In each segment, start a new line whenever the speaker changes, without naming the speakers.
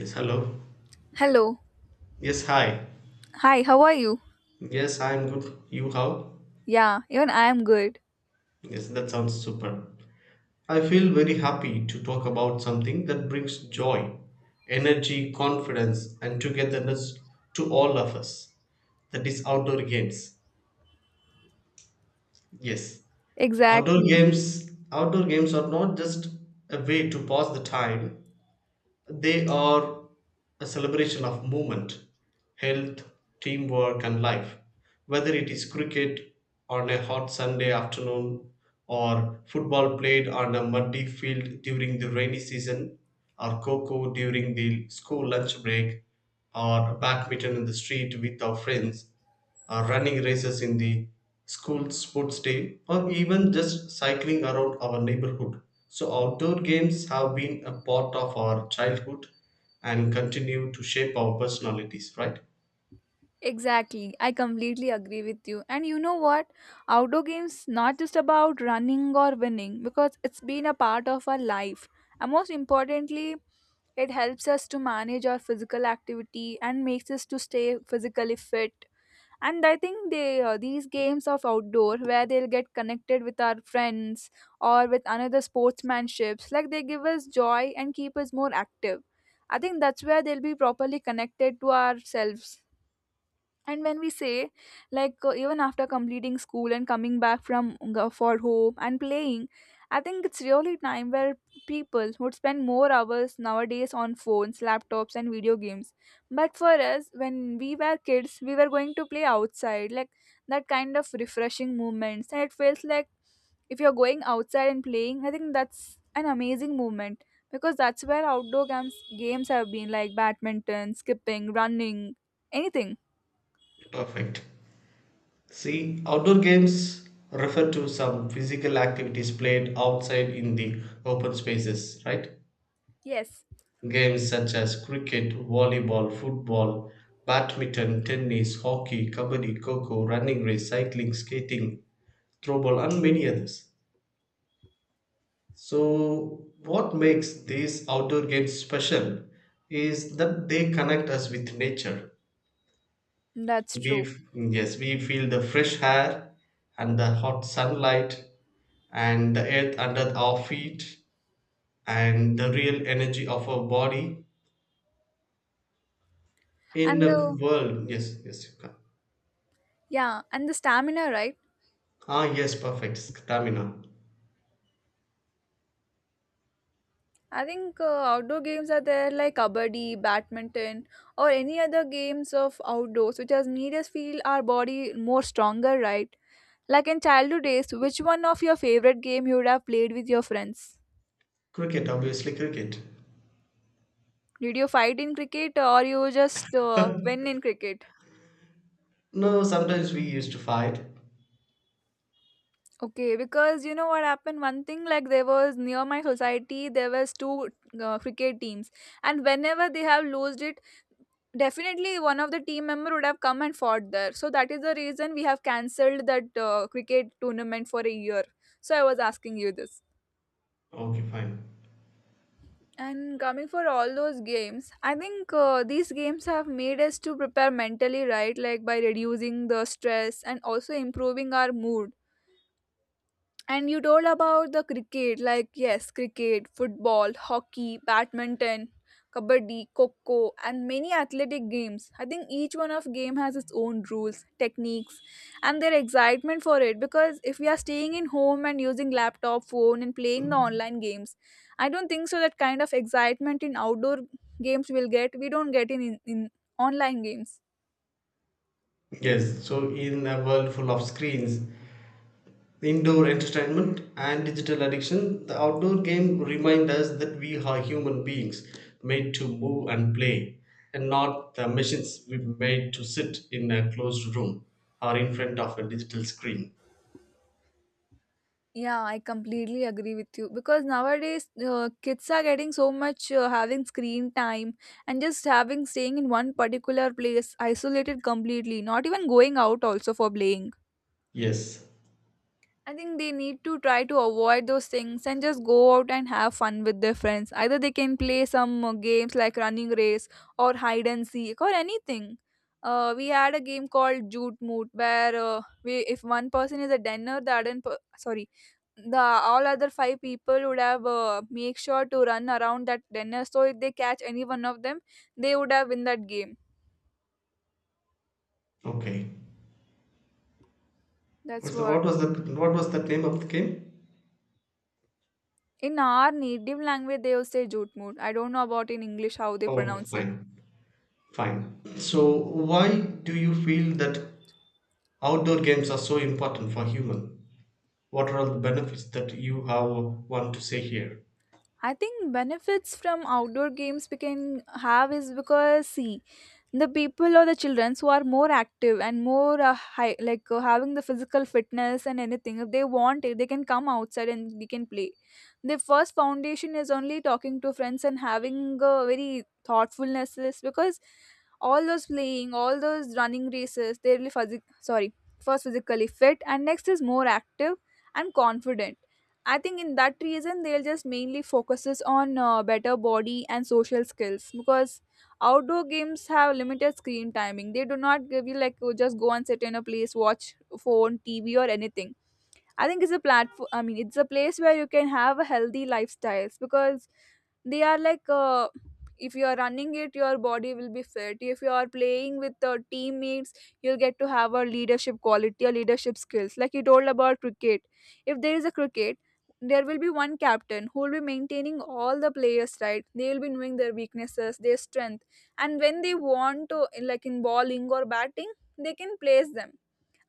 Yes, hello.
Hello.
Yes, hi.
Hi, how are you?
Yes, I am good. You how?
Yeah, even I am good.
Yes, that sounds super. I feel very happy to talk about something that brings joy, energy, confidence, and togetherness to all of us. That is outdoor games. Yes, outdoor
Exactly.
games. Outdoor games are not just a way to pass the time. They are a celebration of movement, health, teamwork, and life. Whether it is cricket on a hot Sunday afternoon, or football played on a muddy field during the rainy season, or cocoa during the school lunch break, or badminton in the street with our friends, or running races in the school sports day, or even just cycling around our neighborhood. So, outdoor games have been a part of our childhood and continue to shape our personalities, right?
Exactly. I completely agree with you. And you know what? Outdoor games not just about running or winning because it's been a part of our life. And most importantly, it helps us to manage our physical activity and makes us to stay physically fit. And I think they these games of outdoor where they'll get connected with our friends or with another sportsmanships, like they give us joy and keep us more active. I think that's where they'll be properly connected to ourselves. And when we say, like, even after completing school and coming back from for home and playing, I think it's really time where people would spend more hours nowadays on phones, laptops, and video games. But for us, when we were kids, we were going to play outside, like that kind of refreshing movements. And it feels like if you're going outside and playing, I think that's an amazing movement, because that's where outdoor games have been, like badminton, skipping, running, anything.
Perfect. See, outdoor games refer to some physical activities played outside in the open spaces, right?
Yes.
Games such as cricket, volleyball, football, badminton, tennis, hockey, kabaddi, coco, running race, cycling, skating, throw ball and many others. So, what makes these outdoor games special is that they connect us with nature.
That's true.
Yes, we feel the fresh air and the hot sunlight and the earth under our feet and the real energy of our body in
And
a
the
world. Yes, yes, you can.
yeah, and the stamina, right?
Ah, yes, perfect. Stamina.
I think outdoor games are there, like kabaddi, badminton, or any other games of outdoors, which has made us feel our body more stronger, right? Like in childhood days, which one of your favorite game you would have played with your friends?
Cricket, obviously, cricket.
Did you fight in cricket, or you just win in cricket?
No, sometimes we used to fight.
Okay, because you know what happened? One thing, like there was near my society, there was two cricket teams, and whenever they have lost it, definitely one of the team member would have come and fought there. So that is the reason we have cancelled that cricket tournament for a year. So I was asking you this.
Okay, fine.
And coming for all those games, I think these games have made us to prepare mentally, right? Like by reducing the stress and also improving our mood. And you told about the cricket, like yes, cricket, football, hockey, badminton, kabaddi, coco, and many athletic games. I think each one of game has its own rules, techniques, and their excitement for it. Because if we are staying in home and using laptop, phone, and playing the online games, I don't think so that kind of excitement in outdoor games will get. We don't get in online games.
Yes, so in a world full of screens, indoor entertainment, and digital addiction, the outdoor game remind us that we are human beings made to move and play, and not the machines we made to sit in a closed room or in front of a digital screen.
Yeah, I completely agree with you, because nowadays kids are getting so much having screen time, and just having staying in one particular place isolated completely, not even going out also for playing.
Yes.
I think they need to try to avoid those things and just go out and have fun with their friends. Either they can play some games like running race or hide and seek or anything. We had a game called Jute Moot where, we, if one person is a dinner, the all other five people would have make sure to run around that dinner, so if they catch any one of them, they would have win that game.
Okay.
That's what.
What was the? What was the name of the game?
In our native language they will say Jute Mood, I don't know about in English how they
Oh, okay,
pronounce it.
fine, fine. So, why do you feel that outdoor games are so important for human? What are all the benefits that you have want to say here?
I think benefits from outdoor games we can have is because, see, the people or the children who are more active and more, high, like, having the physical fitness and anything, if they want it, they can come outside and they can play. The first foundation is only talking to friends and having, very thoughtfulness is because all those playing, all those running races, they're really physic- sorry first physically fit, and next is more active and confident. I think in that reason they'll just mainly focuses on, better body and social skills, because outdoor games have limited screen timing. They do not give you, like, you just go and sit in a place, watch phone, TV, or anything. I think it's a platform, I mean, it's a place where you can have a healthy lifestyles, because they are, like, if you are running it, your body will be fit. If you are playing with the teammates, you'll get to have a leadership quality or leadership skills, like you told about cricket. If there is a cricket, there will be one captain who will be maintaining all the players, right? They will be knowing their weaknesses, their strength. And when they want to, like in bowling or batting, they can place them.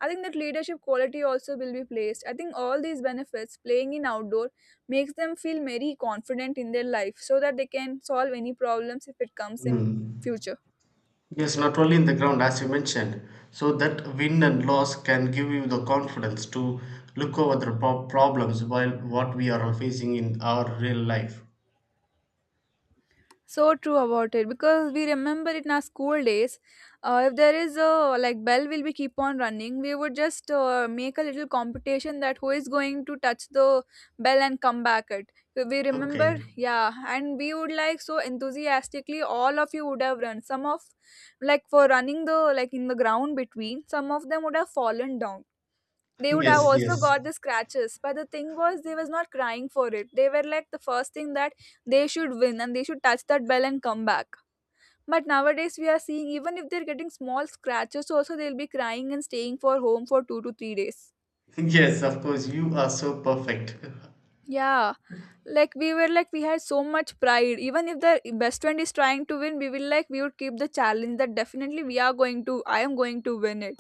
I think that leadership quality also will be placed. I think all these benefits playing in outdoor makes them feel very confident in their life, so that they can solve any problems if it comes in
Mm.
future.
Yes, not only in the ground, as you mentioned. So that win and loss can give you the confidence to look over the problems while what we are all facing in our real life.
So true about it, because we remember it in our school days. If there is a, like, bell will be keep on running, we would just make a little competition that who is going to touch the bell and come back it. We remember,
Okay.
yeah, and we would, like, so enthusiastically, all of you would have run. Some of, like, for running the, like, in the ground between, some of them would have fallen down. They would have
Yes,
also
yes.
got the scratches, but the thing was they was not crying for it. They were like the first thing that they should win and they should touch that bell and come back. But nowadays we are seeing, even if they're getting small scratches also, they'll be crying and staying for home for 2 to 3 days.
Yes, of course, you are so perfect.
Yeah, like, we were, like, we had so much pride, even if the best friend is trying to win, we will, like, we would keep the challenge that definitely we are going to I am going to win it.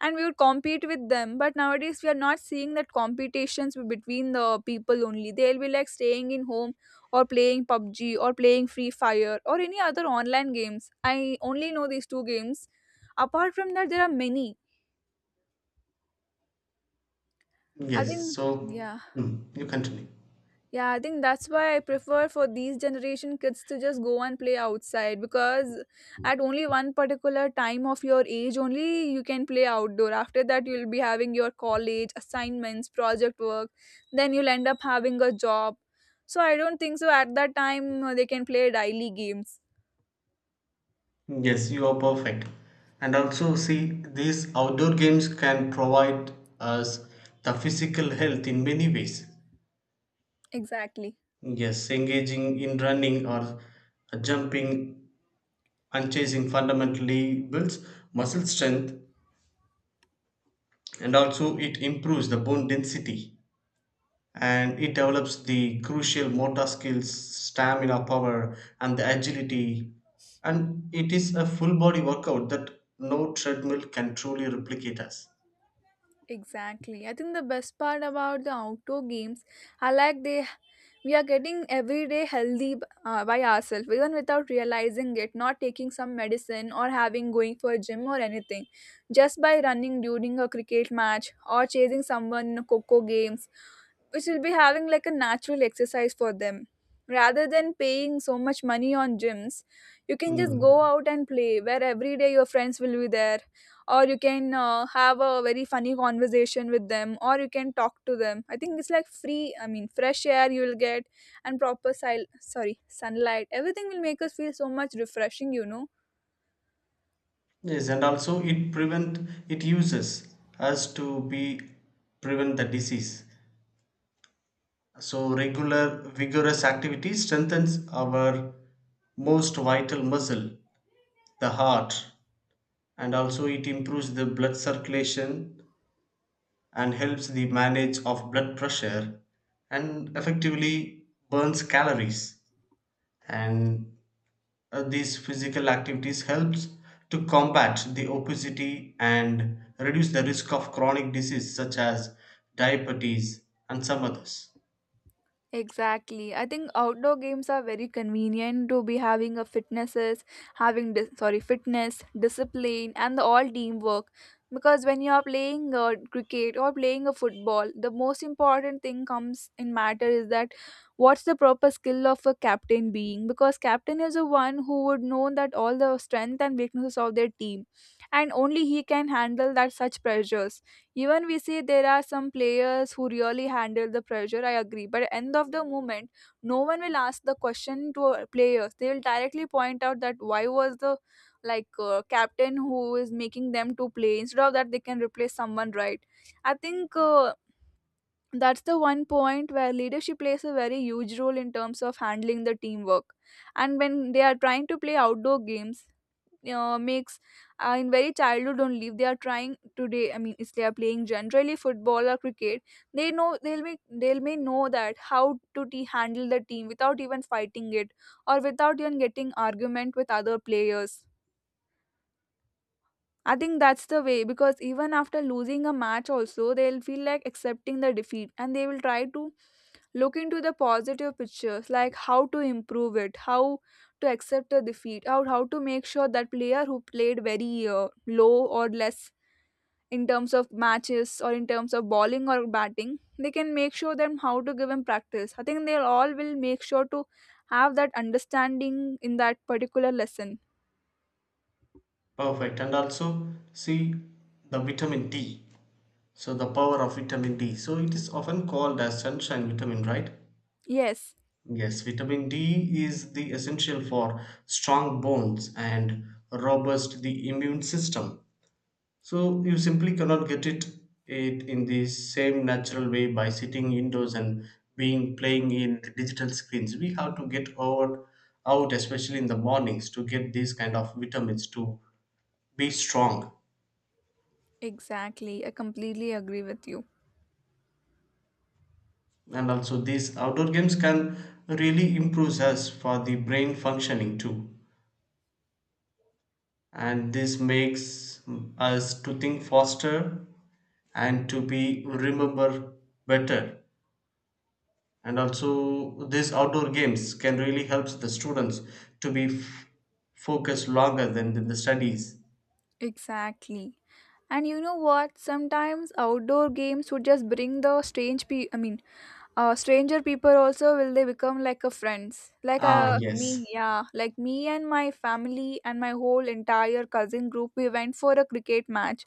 And we would compete with them. But nowadays we are not seeing that competitions between the people, only they'll be, like, staying in home or playing PUBG or playing Free Fire or any other online games. I only know these two games, apart from that there are many. i
Yes,
think
so
yeah
mm, you continue.
Yeah, I think that's why I prefer for these generation kids to just go and play outside, because at only one particular time of your age only you can play outdoor. After that you'll be having your college assignments, project work, then you'll end up having a job. So I don't think so at that time they can play daily games.
Yes, you are perfect. And also, see, these outdoor games can provide us the physical health in many ways.
Exactly.
Yes, engaging in running or jumping and chasing fundamentally builds muscle strength and also it improves the bone density and it develops the crucial motor skills, stamina power, and the agility. And it is a full body workout that no treadmill can truly replicate us.
Exactly. I think the best part about the outdoor games are, like, they we are getting everyday healthy, by ourselves, even without realizing it. Not taking some medicine or having going for a gym or anything, just by running during a cricket match or chasing someone in a coco games, which will be having like a natural exercise for them, rather than paying so much money on gyms. You can just go
Mm.
out and play, where every day your friends will be there, or you can have a very funny conversation with them, or you can talk to them. I think it's, like, free, I mean, fresh air you will get, and proper sil- sorry sunlight. Everything will make us feel so much refreshing.
Yes, and also it uses us to be prevent the disease. So regular vigorous activity strengthens our most vital muscle, the heart, and also it improves the blood circulation and helps the manage of blood pressure and effectively burns calories and these physical activities helps to combat the obesity and reduce the risk of chronic disease such as diabetes and some others.
Exactly. I think outdoor games are very convenient to be having a fitnesses, having fitness, discipline, and the all teamwork, because when you are playing cricket or playing a football, the most important thing comes in matter is that what's the proper skill of a captain being, because captain is the one who would know that all the strength and weaknesses of their team, and only he can handle that such pressures. Even we see there are some players who really handle the pressure, I agree, but end of the moment no one will ask the question to our players. They will directly point out that why was the, like, captain who is making them to play, instead of that they can replace someone, right? I think that's the one point where leadership plays a very huge role in terms of handling the teamwork. And when they are trying to play outdoor games, makes, in very childhood only, if they are trying today, I mean, if they are playing generally football or cricket, they know they'll may know that how to handle the team without even fighting it or without even getting argument with other players. I think that's the way, because even after losing a match also, they'll feel like accepting the defeat, and they will try to look into the positive pictures, like how to improve it, how to accept the defeat, or how to make sure that player who played very low or less in terms of matches or in terms of bowling or batting, they can make sure them how to give him practice. I think they'll all will make sure to have that understanding in that particular lesson.
Perfect, and also see the vitamin D, so the power of vitamin D, so it is often called as sunshine vitamin, right?
Yes,
Yes, vitamin D is the essential for strong bones and robust the immune system. So you simply cannot get it it in the same natural way by sitting indoors and being playing in the digital screens. We have to get out out, especially in the mornings, to get these kind of vitamins to be strong.
exactly. I completely agree with you.
And also these outdoor games can really improve us for the brain functioning too. And this makes us to think faster and to be remember better, and also these outdoor games can really help the students to focused longer than the studies.
Exactly. And you know what? Sometimes outdoor games would just bring the stranger people also will they become like a friends. Like
Ah yes.
me, yeah. Like me and my family and my whole entire cousin group, we went for a cricket match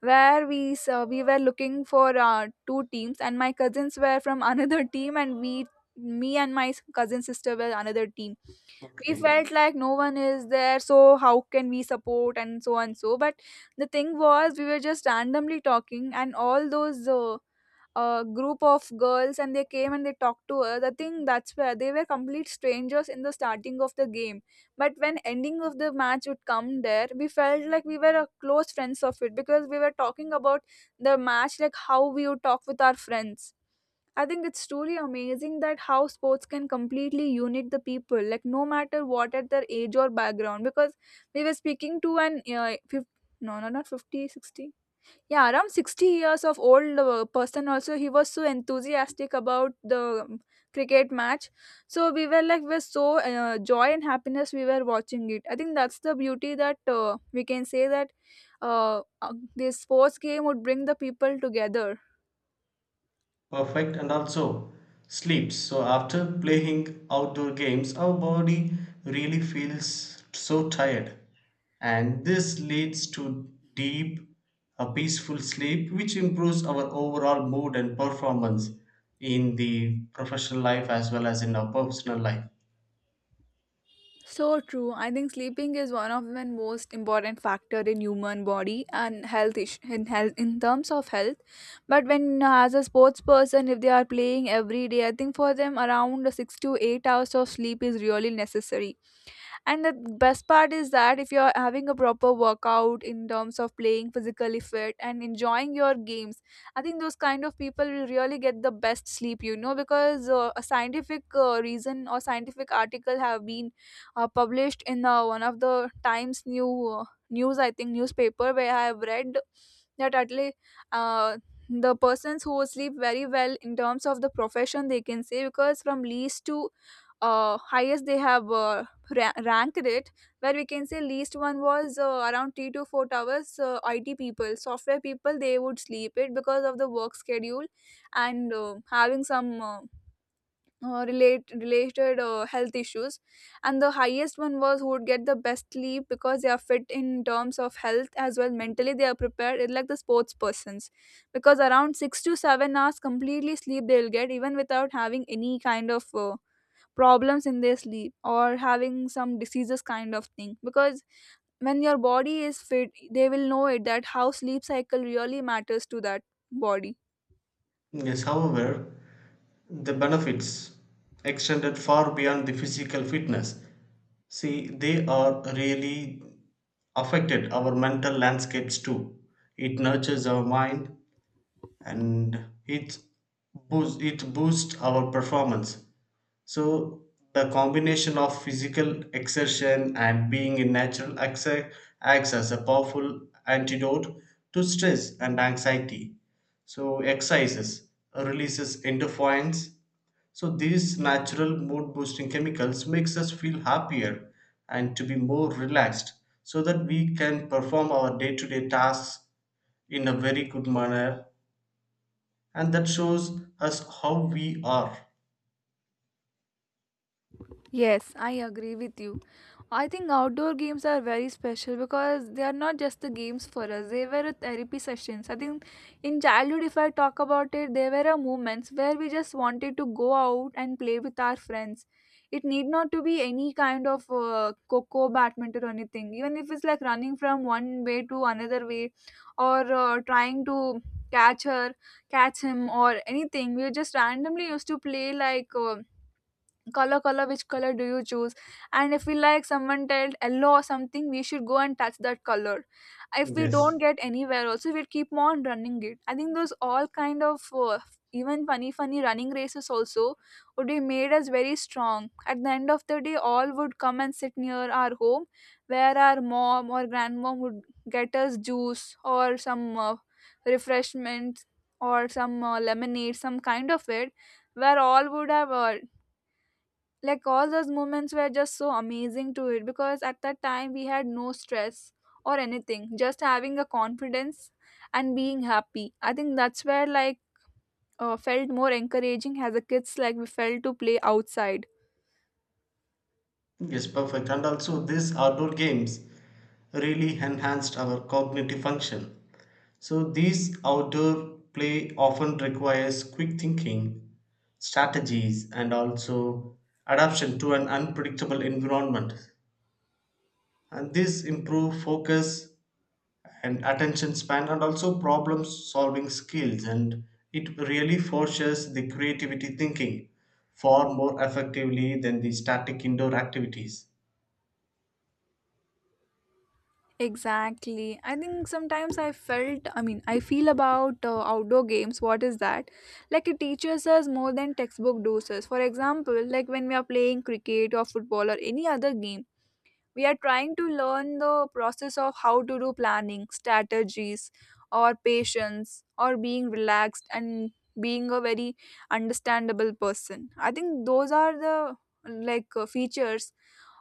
where we were looking for two teams and my cousins were from another team and we me and my cousin sister were another team. We
Okay,
felt like no one is there, so how can we support and so and so. But the thing was we were just randomly talking and all those group of girls and they came and they talked to us. I think that's where they were complete strangers in the starting of the game, but when ending of the match would come, there we felt like we were a close friends of it because we were talking about the match like how we would talk with our friends. I think it's truly amazing that how sports can completely unite the people, like no matter what at their age or background. Because we were speaking to an 50, no, no, not 50, 60. Yeah, around 60 years of old person also, he was so enthusiastic about the cricket match. So we were like, we're so joy and happiness we were watching it. I think that's the beauty that we can say that this sports game would bring the people together.
perfect, and also sleeps, so after playing outdoor games our body really feels so tired and this leads to deep a peaceful sleep which improves our overall mood and performance in the professional life as well as in our personal life.
So true. I think sleeping is one of the most important factor in human body and in health in terms of health. But when as a sports person, if they are playing every day, I think for them around 6 to 8 hours of sleep is really necessary, and the best part is that if you're having a proper workout in terms of playing physically fit and enjoying your games, I think those kind of people will really get the best sleep, you know, because a scientific reason or scientific article have been published in one of the times news, I think, newspaper, where I have read that at least uh, the persons who sleep very well in terms of the profession, they can say, because from least to highest they have ranked it, where we can say least one was around 3 to 4 hours. Uh, IT people, software people, they would sleep it because of the work schedule and having some related health issues. And the highest one was who would get the best sleep because they are fit in terms of health, as well mentally they are prepared. It's like the sports persons, because around 6 to 7 hours completely sleep they'll get even without having any kind of problems in their sleep or having some diseases kind of thing, because when your body is fit they will know it that how sleep cycle really matters to that body.
Yes, however, the benefits extended far beyond the physical fitness. See, they are really affected our mental landscapes too. It nurtures our mind, and it boosts our performance, so the combination of physical exertion and being in natural exer acts as a powerful antidote to stress and anxiety. So exercises releases endorphins, so these natural mood boosting chemicals makes us feel happier and to be more relaxed so that we can perform our day to day tasks in a very good manner, and that shows us how we are.
Yes, I agree with you. I think outdoor games are very special because they are not just the games for us, they were a therapy sessions. I think in childhood, if I talk about it, there were a moments where we just wanted to go out and play with our friends. It need not to be any kind of coco, badminton, or anything. Even if it's like running from one way to another way or trying to catch her, catch him, or anything, we just randomly used to play like. Color color, which color do you choose, and if we like someone told yellow or something we should go and touch that color. If we
Yes,
don't get anywhere also we'll keep on running it. I think those all kind of even funny funny running races also would be made us very strong. At the end of the day all would come and sit near our home where our mom or grandmom would get us juice or some refreshments or some lemonade, some kind of it, where all would have like all those moments were just so amazing to it because at that time we had no stress or anything, just having a confidence and being happy. I think that's where like felt more encouraging as a kids, like we felt to play outside.
yes, perfect, and also these outdoor games really enhanced our cognitive function, so these outdoor play often requires quick thinking strategies and also adaptation to an unpredictable environment, and this improve focus and attention span and also problem solving skills, and it really forces the creativity thinking far more effectively than the static indoor activities.
Exactly. I think sometimes I felt I mean I feel about outdoor games, what is that. Like it teaches us more than textbook doses. For example, like when we are playing cricket or football or any other game, we are trying to learn the process of how to do planning, strategies, or patience, or being relaxed, and being a very understandable person. I think those are the like features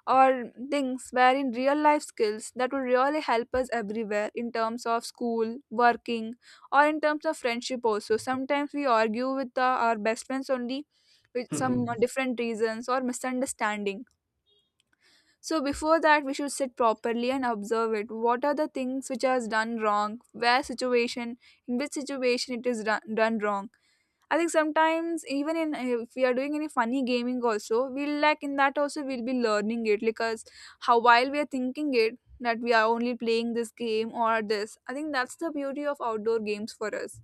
or things where in real life skills that will really help us everywhere in terms of school working or in terms of friendship. Also sometimes we argue with our best friends only with some
Mhm.
different reasons or misunderstanding. So before that, we should sit properly and observe it. What are the things which has done wrong? Where situation, in which situation it is done wrong? I think sometimes even in if we are doing any funny gaming also, we'll like in that also we'll be learning it because how while we are thinking it that we are only playing this game or this. I think that's the beauty of outdoor games for us.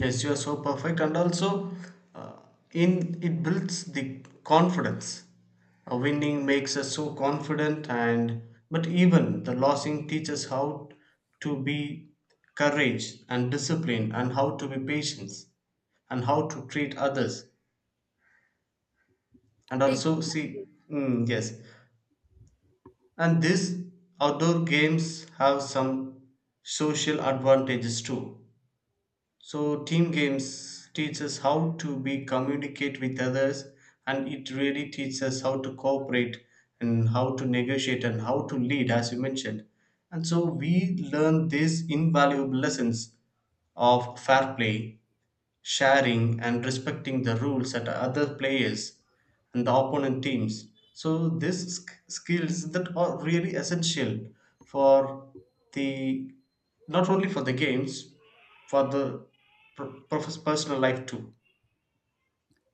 Yes, you are so perfect, and also uh, in it builds the confidence. A winning makes us so confident, and but even the losing teaches how to be courage and discipline and how to be patient and how to treat others, and
Exactly.
also see mm, yes, and these outdoor games have some social advantages too. So team games teach us how to be communicate with others, and it really teaches us how to cooperate and how to negotiate and how to lead, as you mentioned. And so we learn these invaluable lessons of fair play, sharing, and respecting the rules at other players and the opponent teams. So these skills that are really essential for the not only for the games, for the personal life too.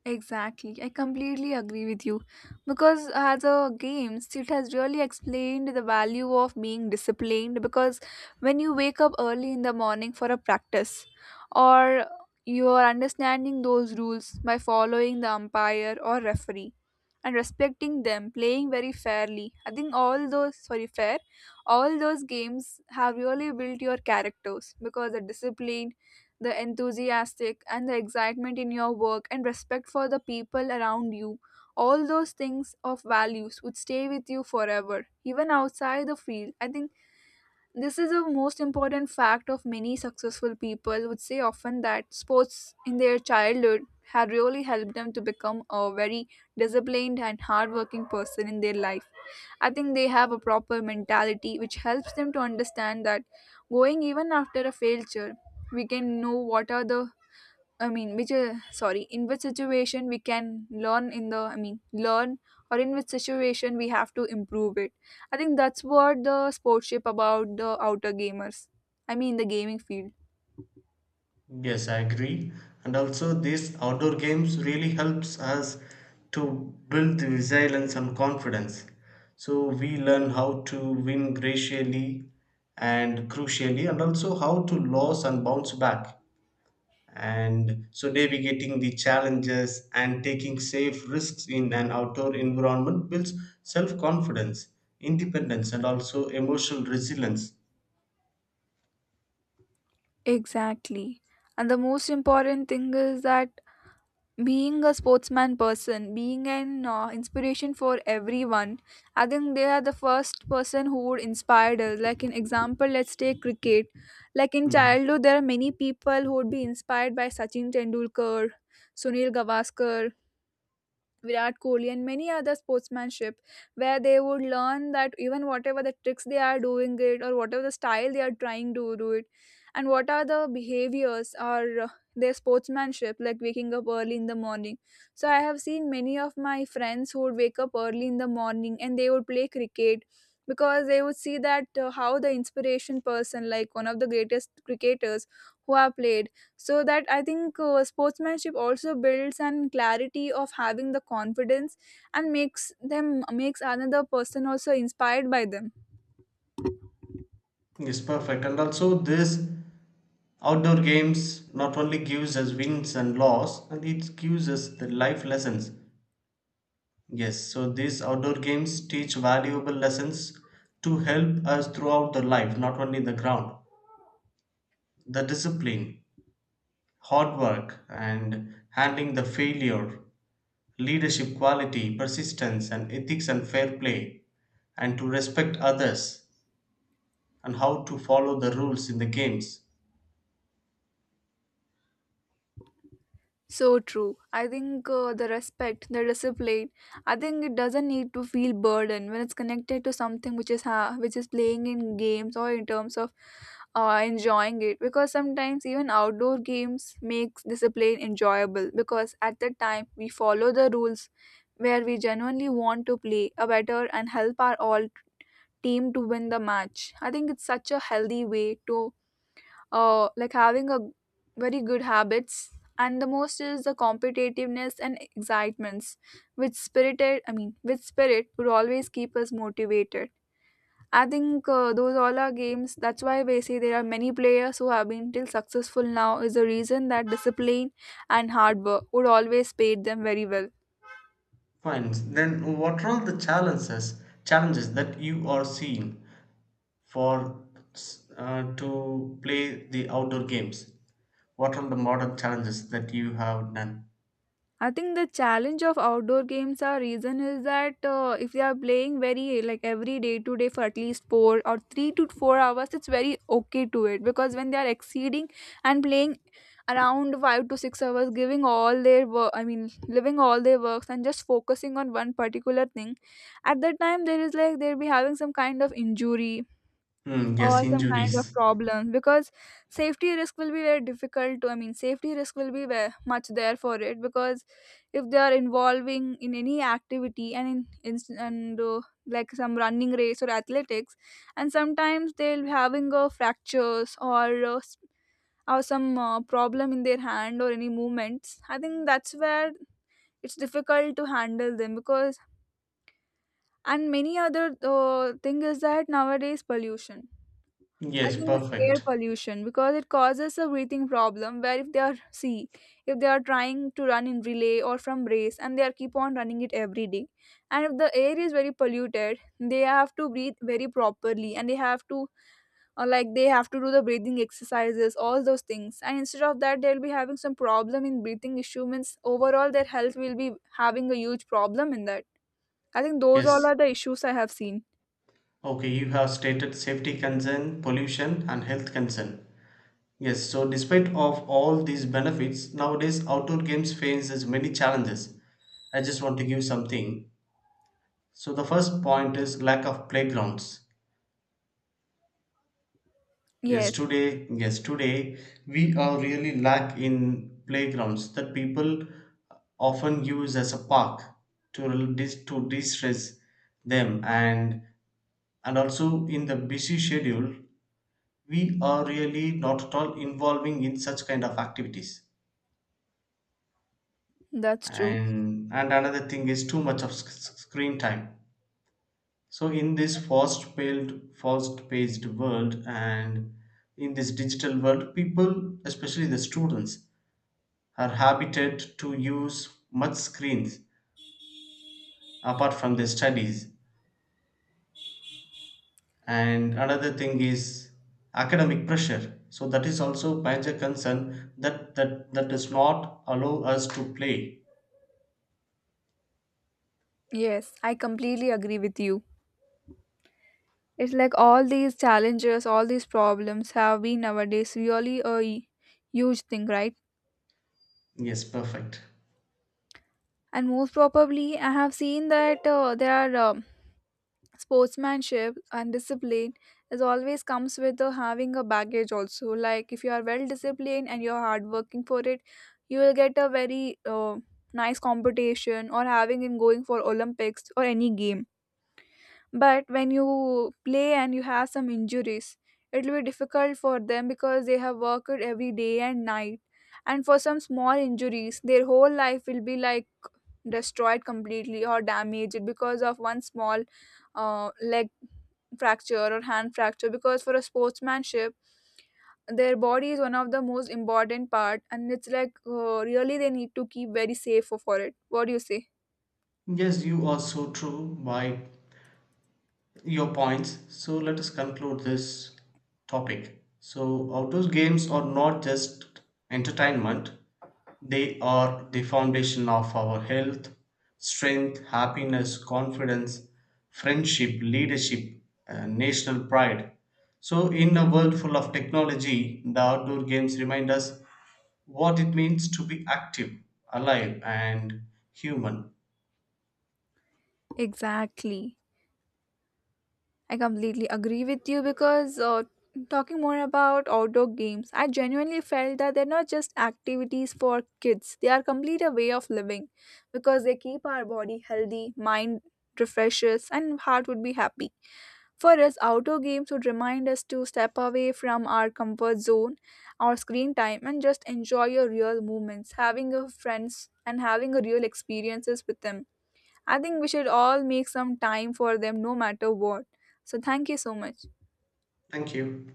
Exactly. I completely agree with you. Because as a games, it has really explained the value of being disciplined, because when you wake up early in the morning for a practice or you are understanding those rules by following the umpire or referee and respecting them, playing very fairly. I think all those sorry fair, all those games have really built your characters, because the discipline, the enthusiastic and the excitement in your work and respect for the people around you, all those things of values would stay with you forever even outside the field. I think this is a most important fact of many successful people would say often that sports in their childhood had really helped them to become a very disciplined and hardworking person in their life. I think they have a proper mentality which helps them to understand that going even after a failure, we can know what are the I mean, which sorry, in which situation we can learn in the I mean learn or in which situation we have to improve it. I think that's what the sportship about the outer gamers. I mean, the gaming field.
Yes, I agree. And also these outdoor games really helps us to build the resilience and confidence. So we learn how to win graciously and crucially and also how to lose and bounce back. And so navigating the challenges and taking safe risks in an outdoor environment builds self-confidence, independence, and also emotional resilience.
Exactly. And the most important thing is that being a sportsman person, being an inspiration for everyone. I think they are the first person who would inspire us, like an example. Let's take cricket. Like in
Mm.
childhood there are many people who would be inspired by Sachin Tendulkar, Sunil Gavaskar, Virat Kohli, and many other sportsmanship, where they would learn that even whatever the tricks they are doing it or whatever the style they are trying to do it, and what are the behaviors or their sportsmanship, like waking up early in the morning. So I have seen many of my friends who would wake up early in the morning and they would play cricket, because they would see that how the inspiration person, like one of the greatest cricketers who have played. So that I think sportsmanship also builds an clarity of having the confidence and makes them makes another person also inspired by them.
Yes, perfect. And also this, outdoor games not only gives us wins and loss, and it gives us the life lessons. Yes, so these outdoor games teach valuable lessons to help us throughout the life, not only the ground. The discipline, hard work, and handling the failure, leadership quality, persistence, and ethics and fair play, and to respect others, and how to follow the rules in the games.
So true. I think the respect, the discipline, I think it doesn't need to feel burden when it's connected to something which which is playing in games or in terms of enjoying it, because sometimes even outdoor games makes discipline enjoyable, because at that time we follow the rules where we genuinely want to play a better and help our all team to win the match. I think it's such a healthy way to like having a very good habits, and the most is the competitiveness and excitements which spirited I mean with spirit would always keep us motivated. I think those all are games. That's why we say there are many players who have been till successful now, is the reason that discipline and hard work would always pay them very well.
Fine. Then what are the challenges that you are seeing for to play the outdoor games? What are the modern challenges that you have done?
I think the challenge of outdoor games are reason is that if they are playing very like every day to day for at least 4 or 3 to 4 hours, it's very okay to it, because when they are exceeding and playing around 5 to 6 hours, giving all their work, I mean, living all their works and just focusing on one particular thing, at that time there is like they'll be having some kind of injury
Hmm, yes,
or some kinds of
injuries.
problems, because safety risk will be very difficult to I mean safety risk will be very much there for it, because if they are involving in any activity and in and like some running race or athletics, and sometimes they'll be having fractures or some problem in their hand or any movements. I think that's where it's difficult to handle them because, and many other thing is that nowadays pollution. I
Yes,
think it's air
perfect.
pollution, because it causes a breathing problem where if they are see if they are trying to run in relay or from race and they are keep on running it every day, and if the air is very polluted, they have to breathe very properly and they have to, or like they have to do the breathing exercises all those things, and instead of that they'll be having some problem in breathing issue means overall their health will be having a huge problem in that. I think those all
Yes.
are the issues I have seen.
Okay, you have stated safety concern, pollution, and health concern. Yes, so despite of all these benefits, nowadays outdoor games faces many challenges. I just want to give something. So the first point is lack of playgrounds.
Yes,
Yes, today we are really lack in playgrounds that people often use as a park to to de-stress them, and also in the busy schedule we are really not at all involving in such kind of activities.
that's true.
And another thing is too much of screen time. So in this fast-paced world and in this digital world, people, especially the students, are habited to use much screens apart from their studies. And another thing is academic pressure. So that is also major concern that does not allow us to play.
Yes, I completely agree with you. It's like all these challenges, all these problems have been nowadays really a huge thing, right?
Yes, perfect.
And most probably, I have seen that there are sportsmanship and discipline is always comes with having a baggage also. Like if you are well disciplined and you're hard working for it, you will get a very nice competition or having in going for Olympics or any game, but when you play and you have some injuries it will be difficult for them because they have worked every day and night, and for some small injuries their whole life will be like destroyed completely or damaged because of one small leg fracture or hand fracture, because for a sportsmanship their body is one of the most important part, and it's like really they need to keep very safe for it. What do you say?
Yes, you are so true. Bye your points. So let us conclude this topic. So outdoor games are not just entertainment, they are the foundation of our health, strength, happiness, confidence, friendship, leadership, national pride. So in a world full of technology, the outdoor games remind us what it means to be active, alive, and human.
Exactly. I completely agree with you, because talking more about outdoor games, I genuinely felt that they're not just activities for kids, they are complete a way of living, because they keep our body healthy, mind refreshes, and heart would be happy. For us, outdoor games would remind us to step away from our comfort zone, our screen time, and just enjoy your real moments, having a friends and having a real experiences with them. I think we should all make some time for them no matter what. So, thank you so much.
Thank you.